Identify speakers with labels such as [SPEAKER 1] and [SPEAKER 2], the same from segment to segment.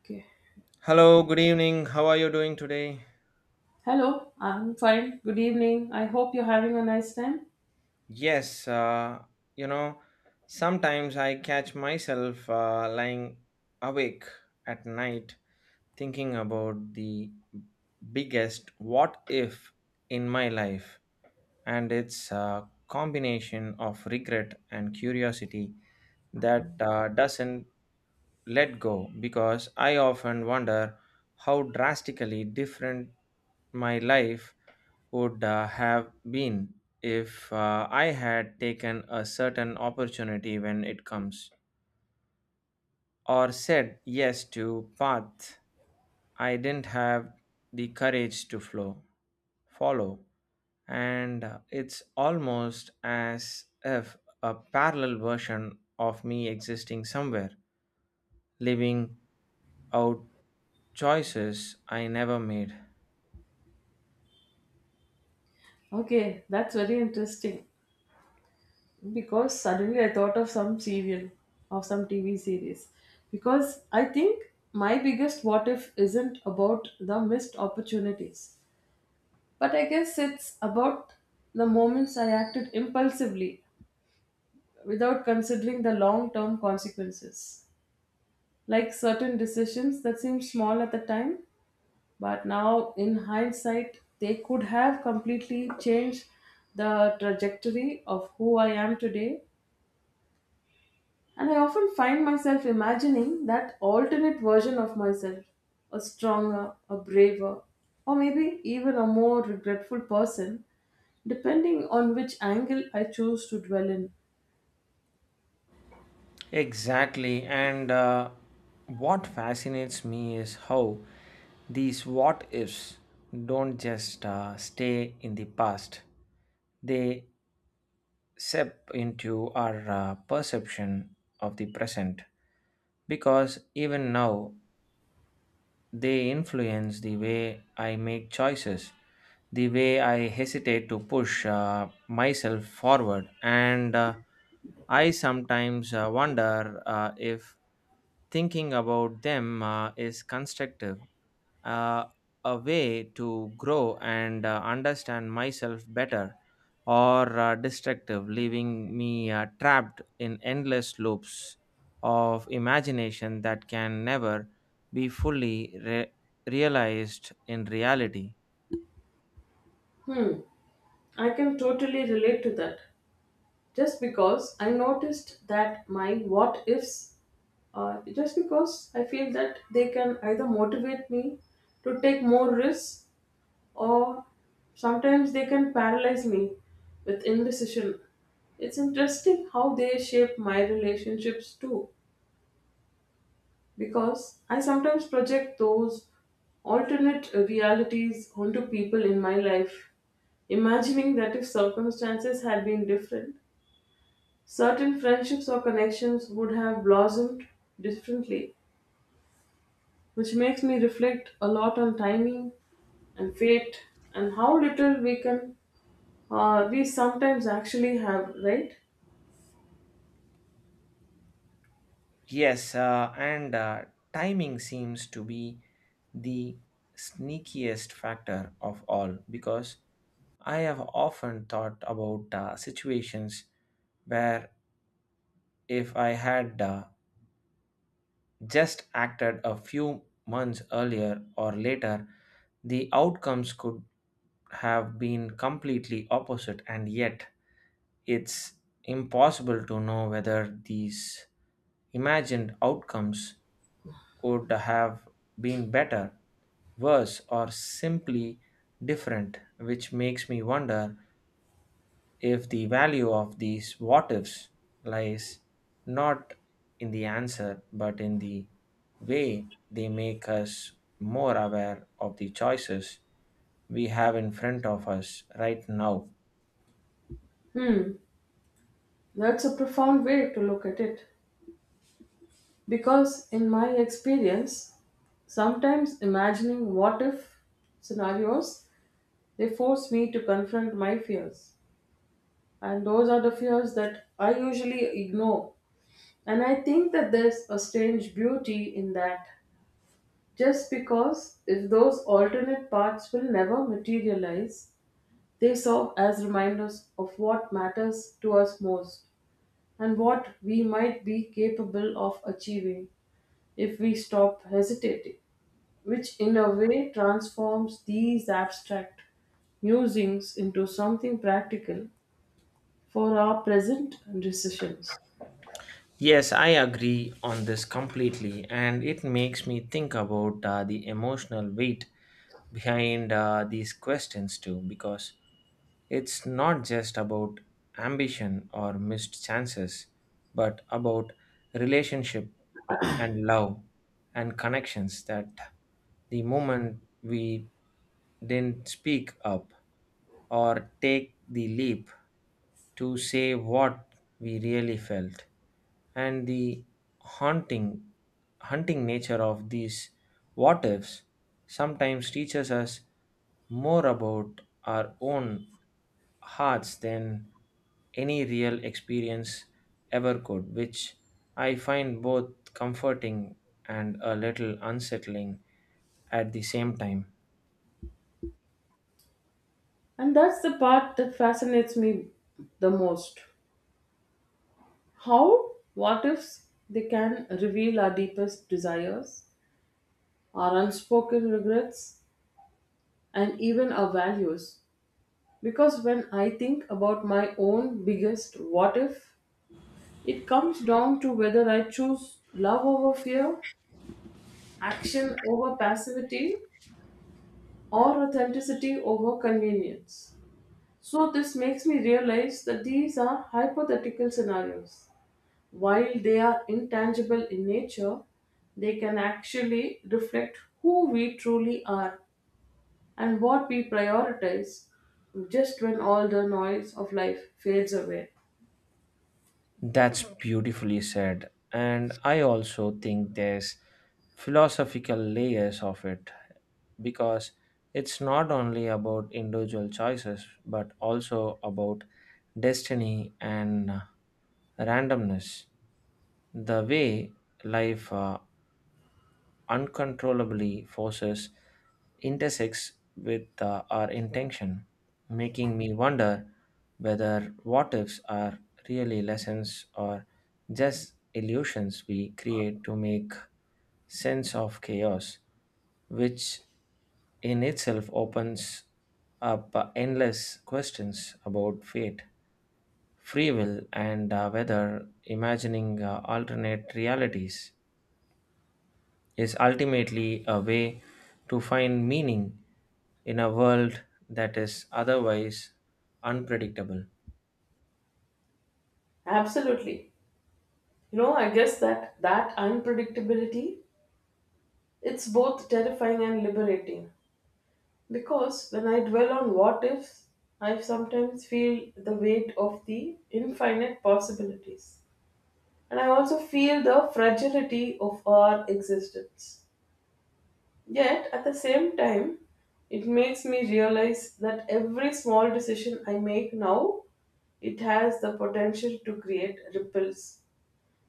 [SPEAKER 1] Okay.
[SPEAKER 2] Hello, good evening. How are you doing today?
[SPEAKER 1] Hello, I'm fine. Good evening. I hope you're having a nice time.
[SPEAKER 2] Yes, you know, sometimes I catch myself lying awake at night thinking about the biggest what if in my life, and it's a combination of regret and curiosity that doesn't let go because I often wonder how drastically different my life would have been if I had taken a certain opportunity when it comes or said yes to path I didn't have the courage to flow follow and it's almost as if a parallel version of me existing somewhere living out choices I never made.
[SPEAKER 1] Okay, that's very interesting because suddenly I thought of some serial of some TV series because I think my biggest what if isn't about the missed opportunities, but I guess it's about the moments I acted impulsively without considering the long term consequences, like certain decisions that seem small at the time but now in hindsight they could have completely changed the trajectory of who I am today. And I often find myself imagining that alternate version of myself, a stronger, a braver, or maybe even a more regretful person, depending on which angle I choose to dwell in.
[SPEAKER 2] Exactly, and what fascinates me is how these what ifs don't just stay in the past, they seep into our perception of the present. Because even now, they influence the way I make choices, the way I hesitate to push myself forward, and I sometimes wonder if thinking about them is constructive, uh, a way to grow and understand myself better, or destructive, leaving me trapped in endless loops of imagination that can never be fully realized in reality.
[SPEAKER 1] Hmm, I can totally relate to that. Just because I noticed that my what ifs, just because I feel that they can either motivate me to take more risks, or sometimes they can paralyze me with indecision. It's interesting how they shape my relationships too, because I sometimes project those alternate realities onto people in my life, imagining that if circumstances had been different, certain friendships or connections would have blossomed differently, which makes me reflect a lot on timing and fate and how little we can, we sometimes actually have, right?
[SPEAKER 2] Yes, and timing seems to be the sneakiest factor of all because I have often thought about situations where if I had just acted a few months earlier or later, the outcomes could have been completely opposite, and yet it's impossible to know whether these imagined outcomes would have been better, worse, or simply different, which makes me wonder if the value of these what ifs lies not in the answer but in the way they make us more aware of the choices we have in front of us right now.
[SPEAKER 1] Hmm, that's a profound way to look at it because in my experience sometimes imagining what if scenarios, they force me to confront my fears, and those are the fears that I usually ignore. And I think that there's a strange beauty in that, just because if those alternate paths will never materialize, they serve as reminders of what matters to us most and what we might be capable of achieving if we stop hesitating, which in a way transforms these abstract musings into something practical for our present decisions.
[SPEAKER 2] Yes, I agree on this completely, and it makes me think about the emotional weight behind these questions too, because it's not just about ambition or missed chances, but about relationship and love and connections that the moment we didn't speak up or take the leap to say what we really felt, and the haunting hunting nature of these what ifs sometimes teaches us more about our own hearts than any real experience ever could, which I find both comforting and a little unsettling at the same time.
[SPEAKER 1] And that's the part that fascinates me the most. How what ifs they can reveal our deepest desires, our unspoken regrets, and even our values. Because when I think about my own biggest what if, it comes down to whether I choose love over fear, action over passivity, or authenticity over convenience. So, this makes me realize that these are hypothetical scenarios. While they are intangible in nature, they can actually reflect who we truly are and what we prioritize just when all the noise of life fades away.
[SPEAKER 2] That's beautifully said. And I also think there's philosophical layers of it because it's not only about individual choices but also about destiny and randomness, the way life uncontrollably forces intersects with our intention, making me wonder whether what ifs are really lessons or just illusions we create to make sense of chaos, which in itself opens up endless questions about fate, free will, and whether imagining alternate realities is ultimately a way to find meaning in a world that is otherwise unpredictable.
[SPEAKER 1] Absolutely. You know, I guess that that unpredictability, it's both terrifying and liberating, because when I dwell on what ifs, I sometimes feel the weight of the infinite possibilities. And I also feel the fragility of our existence. Yet, at the same time, it makes me realize that every small decision I make now, it has the potential to create ripples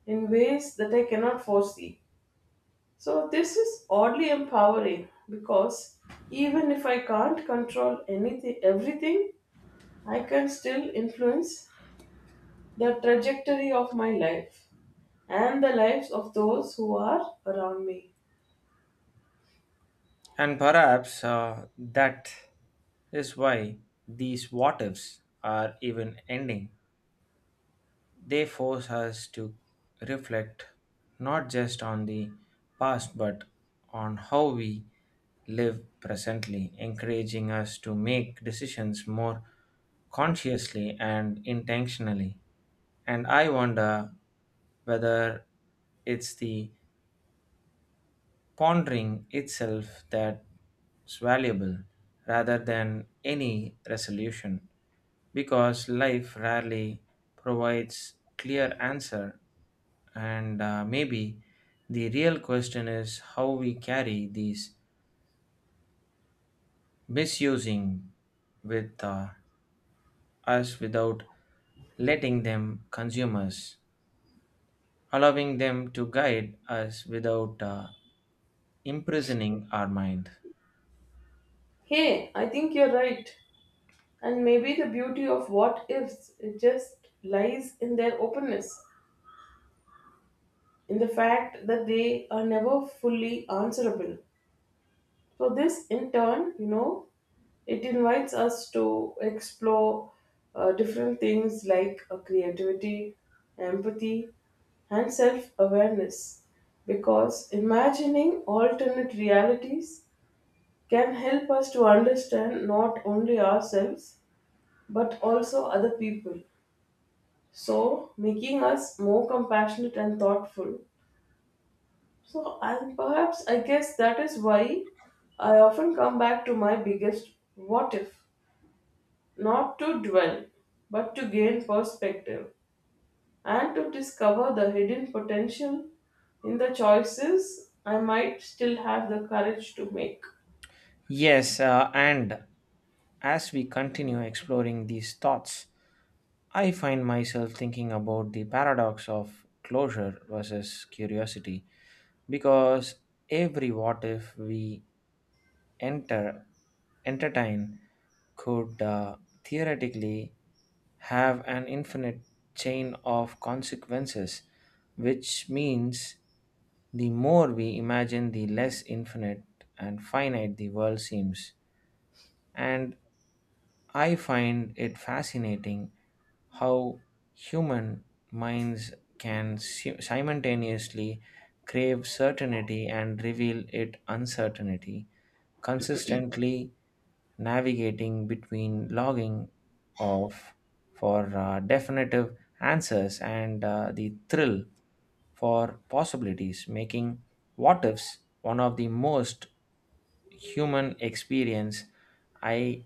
[SPEAKER 1] in ways that I cannot foresee. So, this is oddly empowering because even if I can't control anything, everything, I can still influence the trajectory of my life and the lives of those who are around me.
[SPEAKER 2] And perhaps that is why these what ifs are even ending. They force us to reflect not just on the past but on how we live presently, encouraging us to make decisions more consciously and intentionally. And I wonder whether it's the pondering itself that's valuable rather than any resolution, because life rarely provides clear answer, and maybe the real question is how we carry these misusing with us without letting them consume us, allowing them to guide us without imprisoning our mind.
[SPEAKER 1] Hey, I think you're right. And maybe the beauty of what ifs, it just lies in their openness, in the fact that they are never fully answerable. So, this in turn, you know, it invites us to explore different things like creativity, empathy, and self awareness. Because imagining alternate realities can help us to understand not only ourselves but also other people, so making us more compassionate and thoughtful. So, and perhaps I guess that is why I often come back to my biggest what if, not to dwell but to gain perspective and to discover the hidden potential in the choices I might still have the courage to make.
[SPEAKER 2] Yes, and as we continue exploring these thoughts, I find myself thinking about the paradox of closure versus curiosity, because every what if we enter entertain could theoretically have an infinite chain of consequences, which means the more we imagine, the less infinite and finite the world seems. And I find it fascinating how human minds can simultaneously crave certainty and reveal it uncertainty, consistently navigating between logging off for definitive answers and the thrill for possibilities, making what ifs one of the most human experience I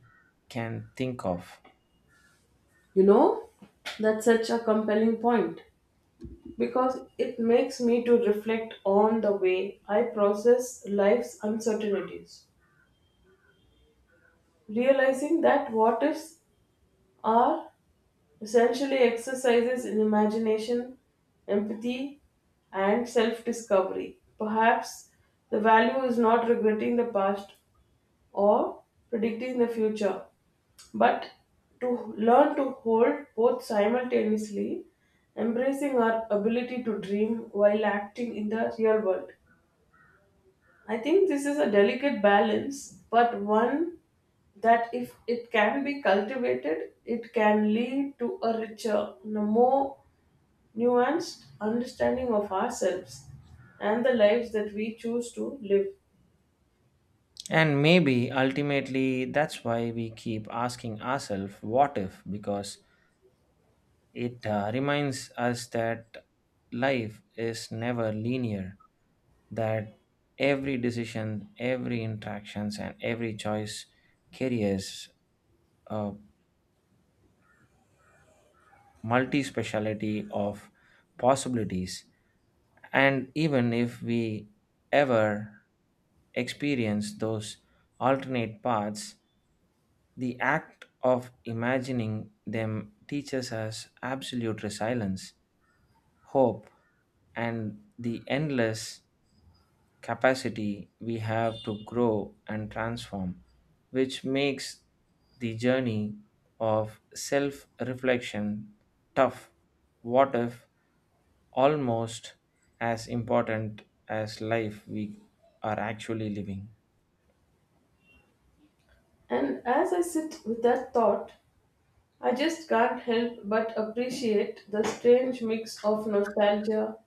[SPEAKER 2] can think of.
[SPEAKER 1] You know, that's such a compelling point because it makes me to reflect on the way I process life's uncertainties, realizing that what ifs are essentially exercises in imagination, empathy, and self discovery. Perhaps the value is not regretting the past or predicting the future, but to learn to hold both simultaneously, embracing our ability to dream while acting in the real world. I think this is a delicate balance, but one that if it can be cultivated, it can lead to a richer, and a more nuanced understanding of ourselves and the lives that we choose to live.
[SPEAKER 2] And maybe ultimately that's why we keep asking ourselves, what if? Because it reminds us that life is never linear, that every decision, every interactions, and every choice carries a multi-speciality of possibilities, and even if we ever experience those alternate paths, the act of imagining them teaches us absolute resilience, hope, and the endless capacity we have to grow and transform, which makes the journey of self reflection tough what if almost as important as life we are actually living.
[SPEAKER 1] And as I sit with that thought, I just can't help but appreciate the strange mix of nostalgia,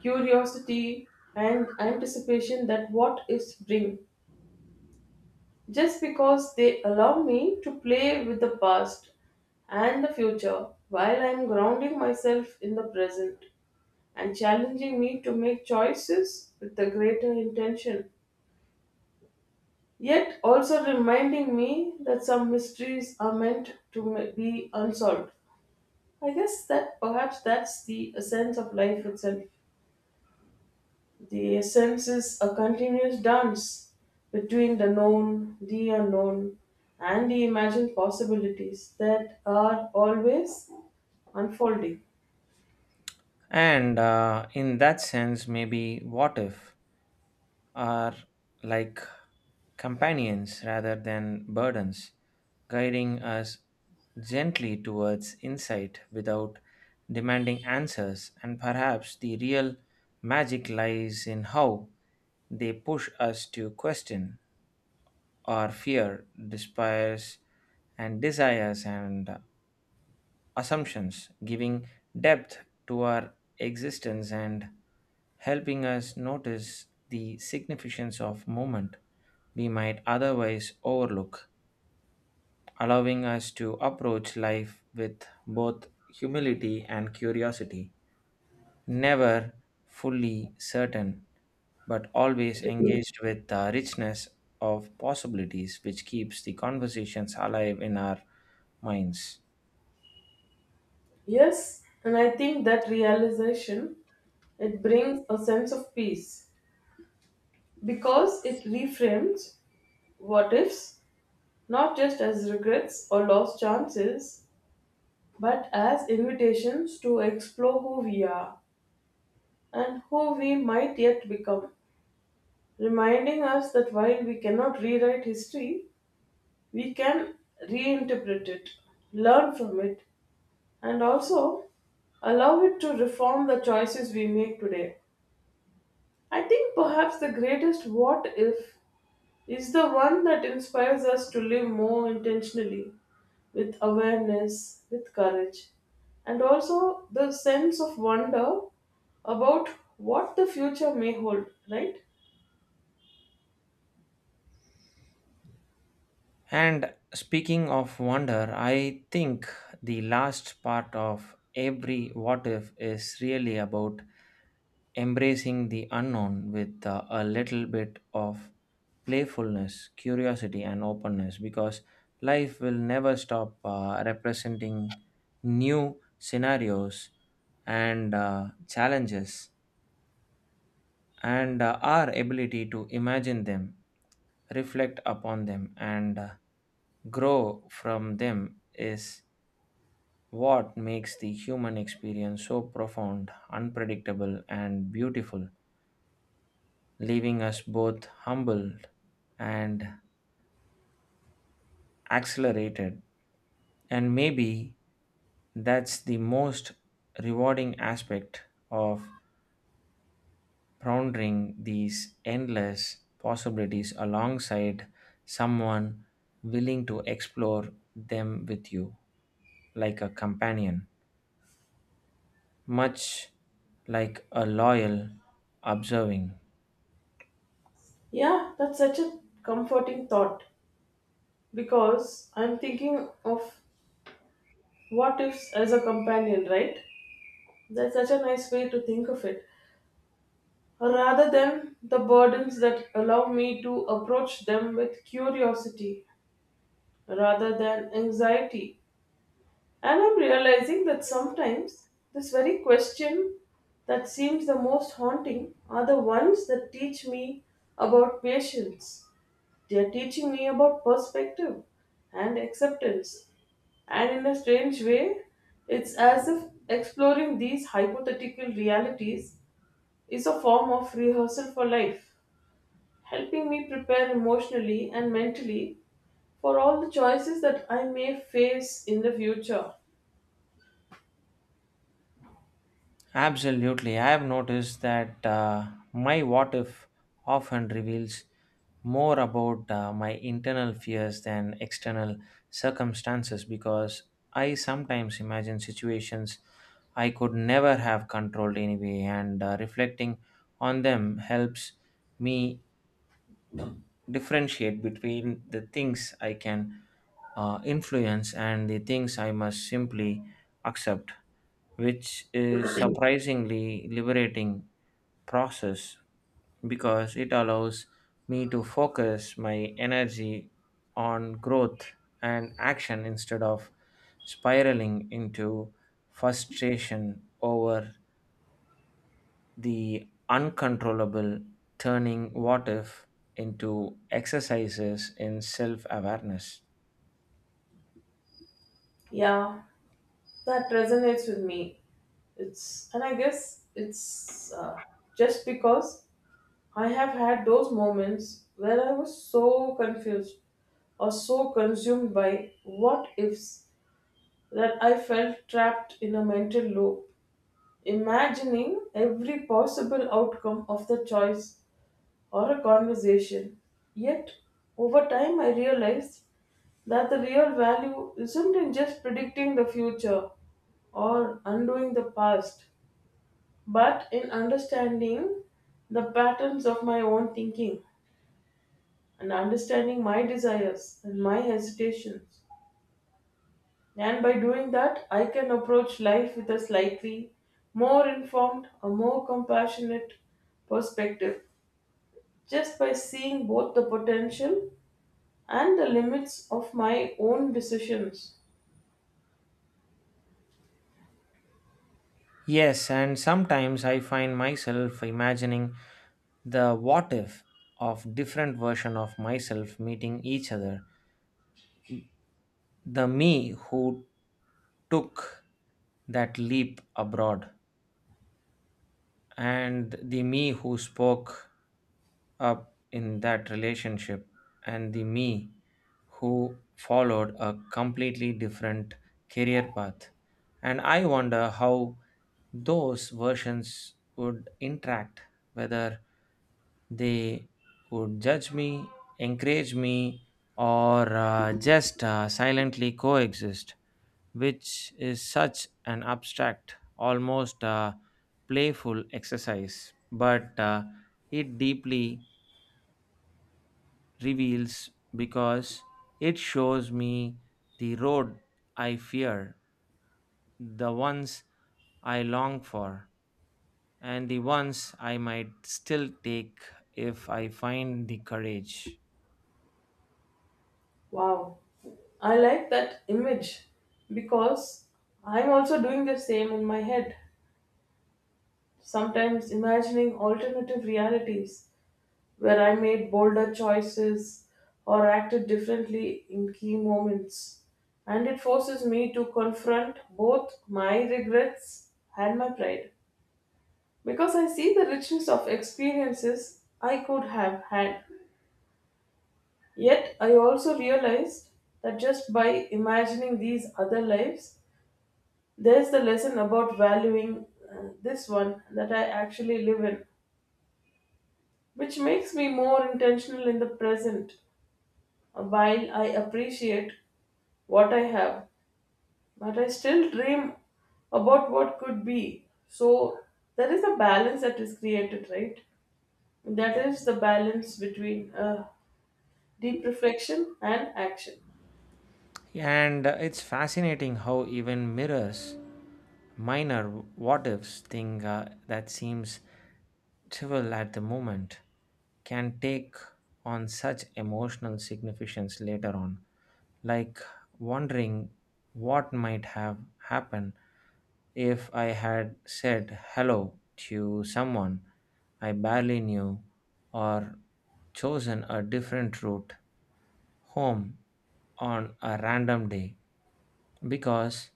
[SPEAKER 1] curiosity, and anticipation that what ifs bring. Just because they allow me to play with the past and the future while I am grounding myself in the present and challenging me to make choices with a greater intention. Yet also reminding me that some mysteries are meant to be unsolved. I guess that perhaps that's the essence of life itself. The essence is a continuous dance between the known, the unknown, and the imagined possibilities that are always unfolding.
[SPEAKER 2] And in that sense, maybe what if are like companions rather than burdens, guiding us gently towards insight without demanding answers. And perhaps the real magic lies in how they push us to question our fear, despairs, and desires and assumptions, giving depth to our existence and helping us notice the significance of moment we might otherwise overlook, allowing us to approach life with both humility and curiosity, never fully certain, but always engaged with the richness of possibilities, which keeps the conversations alive in our minds.
[SPEAKER 1] Yes, and I think that realization, it brings a sense of peace because it reframes what ifs not just as regrets or lost chances but as invitations to explore who we are and who we might yet become, reminding us that while we cannot rewrite history, we can reinterpret it, learn from it, and also allow it to reform the choices we make today. I think perhaps the greatest what if is the one that inspires us to live more intentionally, with awareness, with courage, and also the sense of wonder about what the future may hold, right?
[SPEAKER 2] And speaking of wonder, I think the last part of every what if is really about embracing the unknown with a little bit of playfulness, curiosity, and openness, because life will never stop representing new scenarios and challenges, and our ability to imagine them, reflect upon them, and grow from them is what makes the human experience so profound, unpredictable, and beautiful, leaving us both humbled and accelerated. And maybe that's the most rewarding aspect of pondering these endless possibilities alongside someone willing to explore them with you, like a companion, much like a loyal observing.
[SPEAKER 1] Yeah, that's such a comforting thought. Because I'm thinking of what ifs as a companion, right? That's such a nice way to think of it. Rather than the burdens that allow me to approach them with curiosity rather than anxiety. And I'm realizing that sometimes this very question that seems the most haunting are the ones that teach me about patience. They are teaching me about perspective and acceptance. And in a strange way, it's as if exploring these hypothetical realities is a form of rehearsal for life, helping me prepare emotionally and mentally for all the choices that I may face in the future.
[SPEAKER 2] Absolutely, I have noticed that my what if often reveals more about my internal fears than external circumstances, because I sometimes imagine situations I could never have controlled anyway, and reflecting on them helps me differentiate between the things I can influence and the things I must simply accept, which is surprisingly liberating process, because it allows me to focus my energy on growth and action instead of spiraling into frustration over the uncontrollable, turning what if into exercises in self awareness.
[SPEAKER 1] Yeah, that resonates with me. It's, and I guess it's, just because I have had those moments where I was so confused or so consumed by what ifs that I felt trapped in a mental loop, imagining every possible outcome of the choice or a conversation. Yet, over time, I realized that the real value isn't in just predicting the future or undoing the past, but in understanding the patterns of my own thinking and understanding my desires and my hesitations. And by doing that, I can approach life with a slightly more informed, a more compassionate perspective, just by seeing both the potential and the limits of my own decisions.
[SPEAKER 2] Yes, and sometimes I find myself imagining the what if of different version of myself meeting each other. The me who took that leap abroad, and the me who spoke up in that relationship, and the me who followed a completely different career path. And I wonder how those versions would interact, whether they would judge me, encourage me, or just silently coexist, which is such an abstract, almost playful exercise. But it deeply reveals, because it shows me the road I fear, the ones I long for, and the ones I might still take if I find the courage.
[SPEAKER 1] Wow, I like that image because I'm also doing the same in my head, sometimes imagining alternative realities where I made bolder choices or acted differently in key moments. And it forces me to confront both my regrets and my pride. Because I see the richness of experiences I could have had. Yet I also realized that just by imagining these other lives, there's the lesson about valuing this one that I actually live in, which makes me more intentional in the present. While I appreciate what I have, but I still dream about what could be. So there is a balance that is created, right? That is the balance between deep reflection and action.
[SPEAKER 2] And it's fascinating how even mirrors minor what ifs thing that seems trivial at the moment can take on such emotional significance later on, like wondering what might have happened if I had said hello to someone I barely knew or chosen a different route home on a random day, because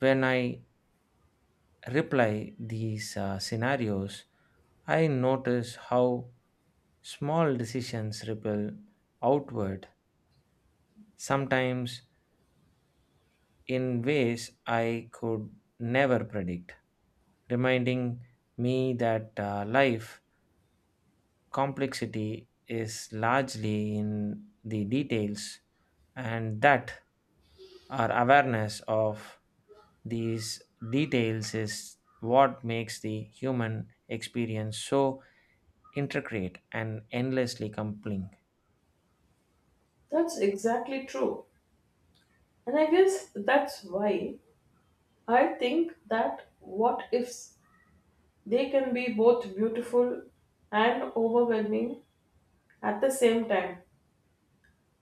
[SPEAKER 2] when I reply these scenarios, I notice how small decisions ripple outward, sometimes in ways I could never predict, reminding me that life complexity is largely in the details, and that our awareness of these details is what makes the human experience so intricate and endlessly compelling.
[SPEAKER 1] That's exactly true. And I guess that's why I think that what ifs, they can be both beautiful and overwhelming at the same time.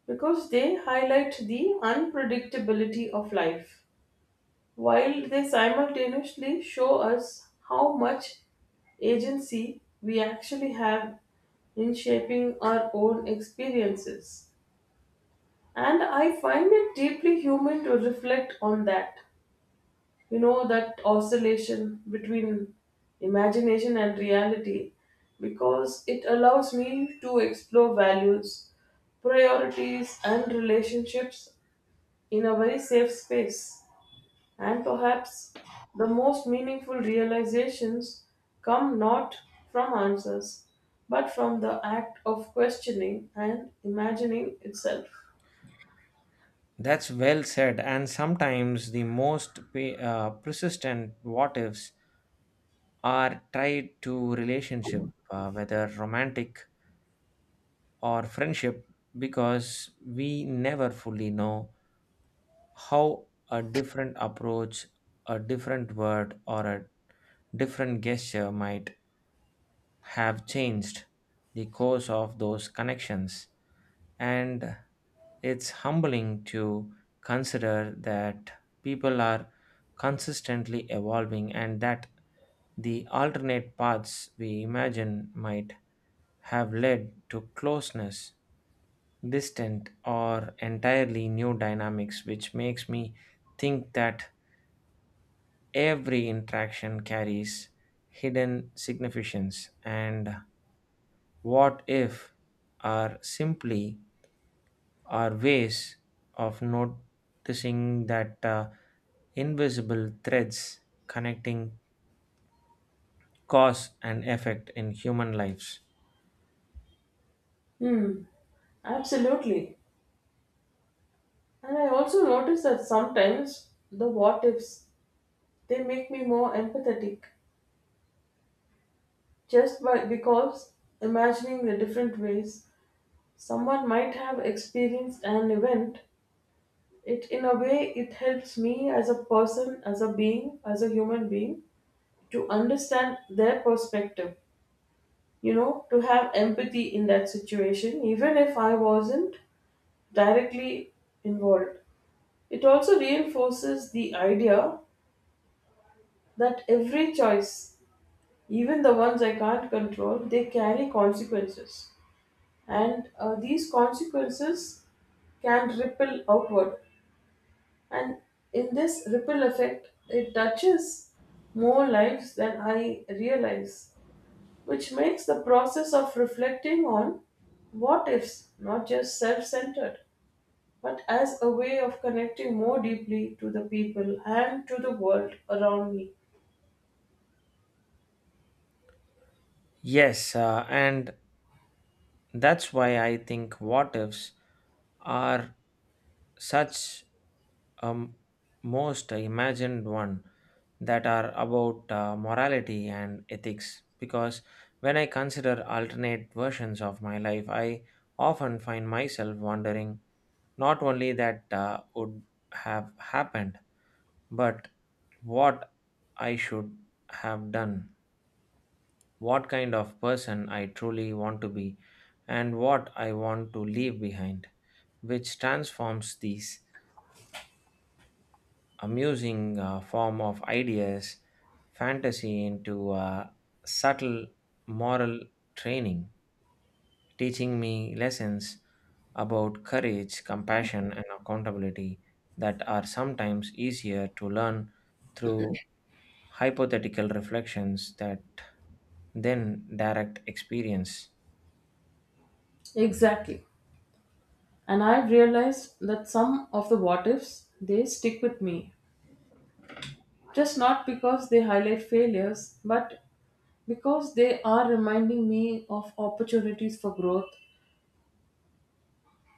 [SPEAKER 1] Because they highlight the unpredictability of life, while they simultaneously show us how much agency we actually have in shaping our own experiences. And I find it deeply human to reflect on that. You know, that oscillation between imagination and reality, because it allows me to explore values, priorities, and relationships in a very safe space. And perhaps the most meaningful realizations come not from answers, but from the act of questioning and imagining itself.
[SPEAKER 2] That's well said, and sometimes the most persistent what ifs are tied to relationship, whether romantic or friendship, because we never fully know how a different approach, a different word, or a different gesture might have changed the course of those connections. And it's humbling to consider that people are consistently evolving and that the alternate paths we imagine might have led to closeness, distant, or entirely new dynamics, which makes me think that every interaction carries hidden significance. And what if are simply are ways of noticing that invisible threads connecting cause and effect in human lives.
[SPEAKER 1] Hmm, absolutely. And I also notice that sometimes the what ifs, they make me more empathetic, just by, because imagining the different ways someone might have experienced an event, it in a way it helps me as a person, as a being, as a human being, to understand their perspective, you know, to have empathy in that situation even if I wasn't directly involved. It also reinforces the idea that every choice, even the ones I can't control, they carry consequences. And these consequences can ripple outward. And in this ripple effect, it touches more lives than I realize, which makes the process of reflecting on what ifs not just self centered, but as a way of connecting more deeply to the people and to the world around me.
[SPEAKER 2] Yes, and that's why I think what ifs are such. Um, Most I imagined one that are about morality and ethics, because when I consider alternate versions of my life, I often find myself wondering not only that would have happened, but what I should have done, what kind of person I truly want to be, and what I want to leave behind, which transforms these amusing form of ideas, fantasy into subtle moral training, teaching me lessons about courage, compassion, and accountability that are sometimes easier to learn through hypothetical reflections that then direct experience.
[SPEAKER 1] Exactly. And I've realized that some of the what ifs they stick with me. Just not because they highlight failures, but because they are reminding me of opportunities for growth,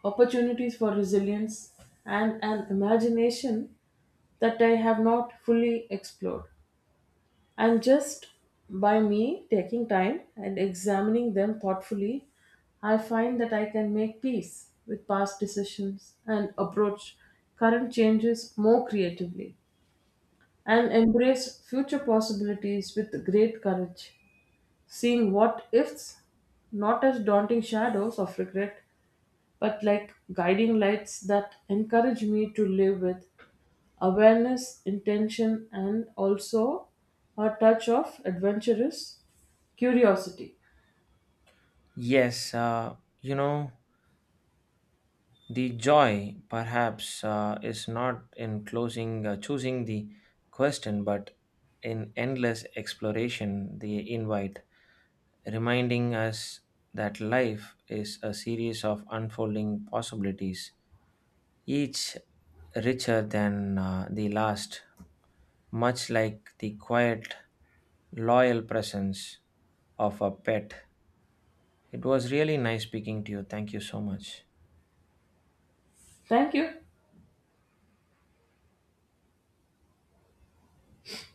[SPEAKER 1] opportunities for resilience, and an imagination that I have not fully explored. And just by me taking time and examining them thoughtfully, I find that I can make peace with past decisions and approach current changes more creatively and embrace future possibilities with great courage, seeing what ifs not as daunting shadows of regret but like guiding lights that encourage me to live with awareness, intention, and also a touch of adventurous curiosity.
[SPEAKER 2] Yes, you know. The joy, perhaps, is not in choosing the question, but in endless exploration, the invite, reminding us that life is a series of unfolding possibilities, each richer than the last, much like the quiet, loyal presence of a pet. It was really nice speaking to you. Thank you so much.
[SPEAKER 1] Thank you.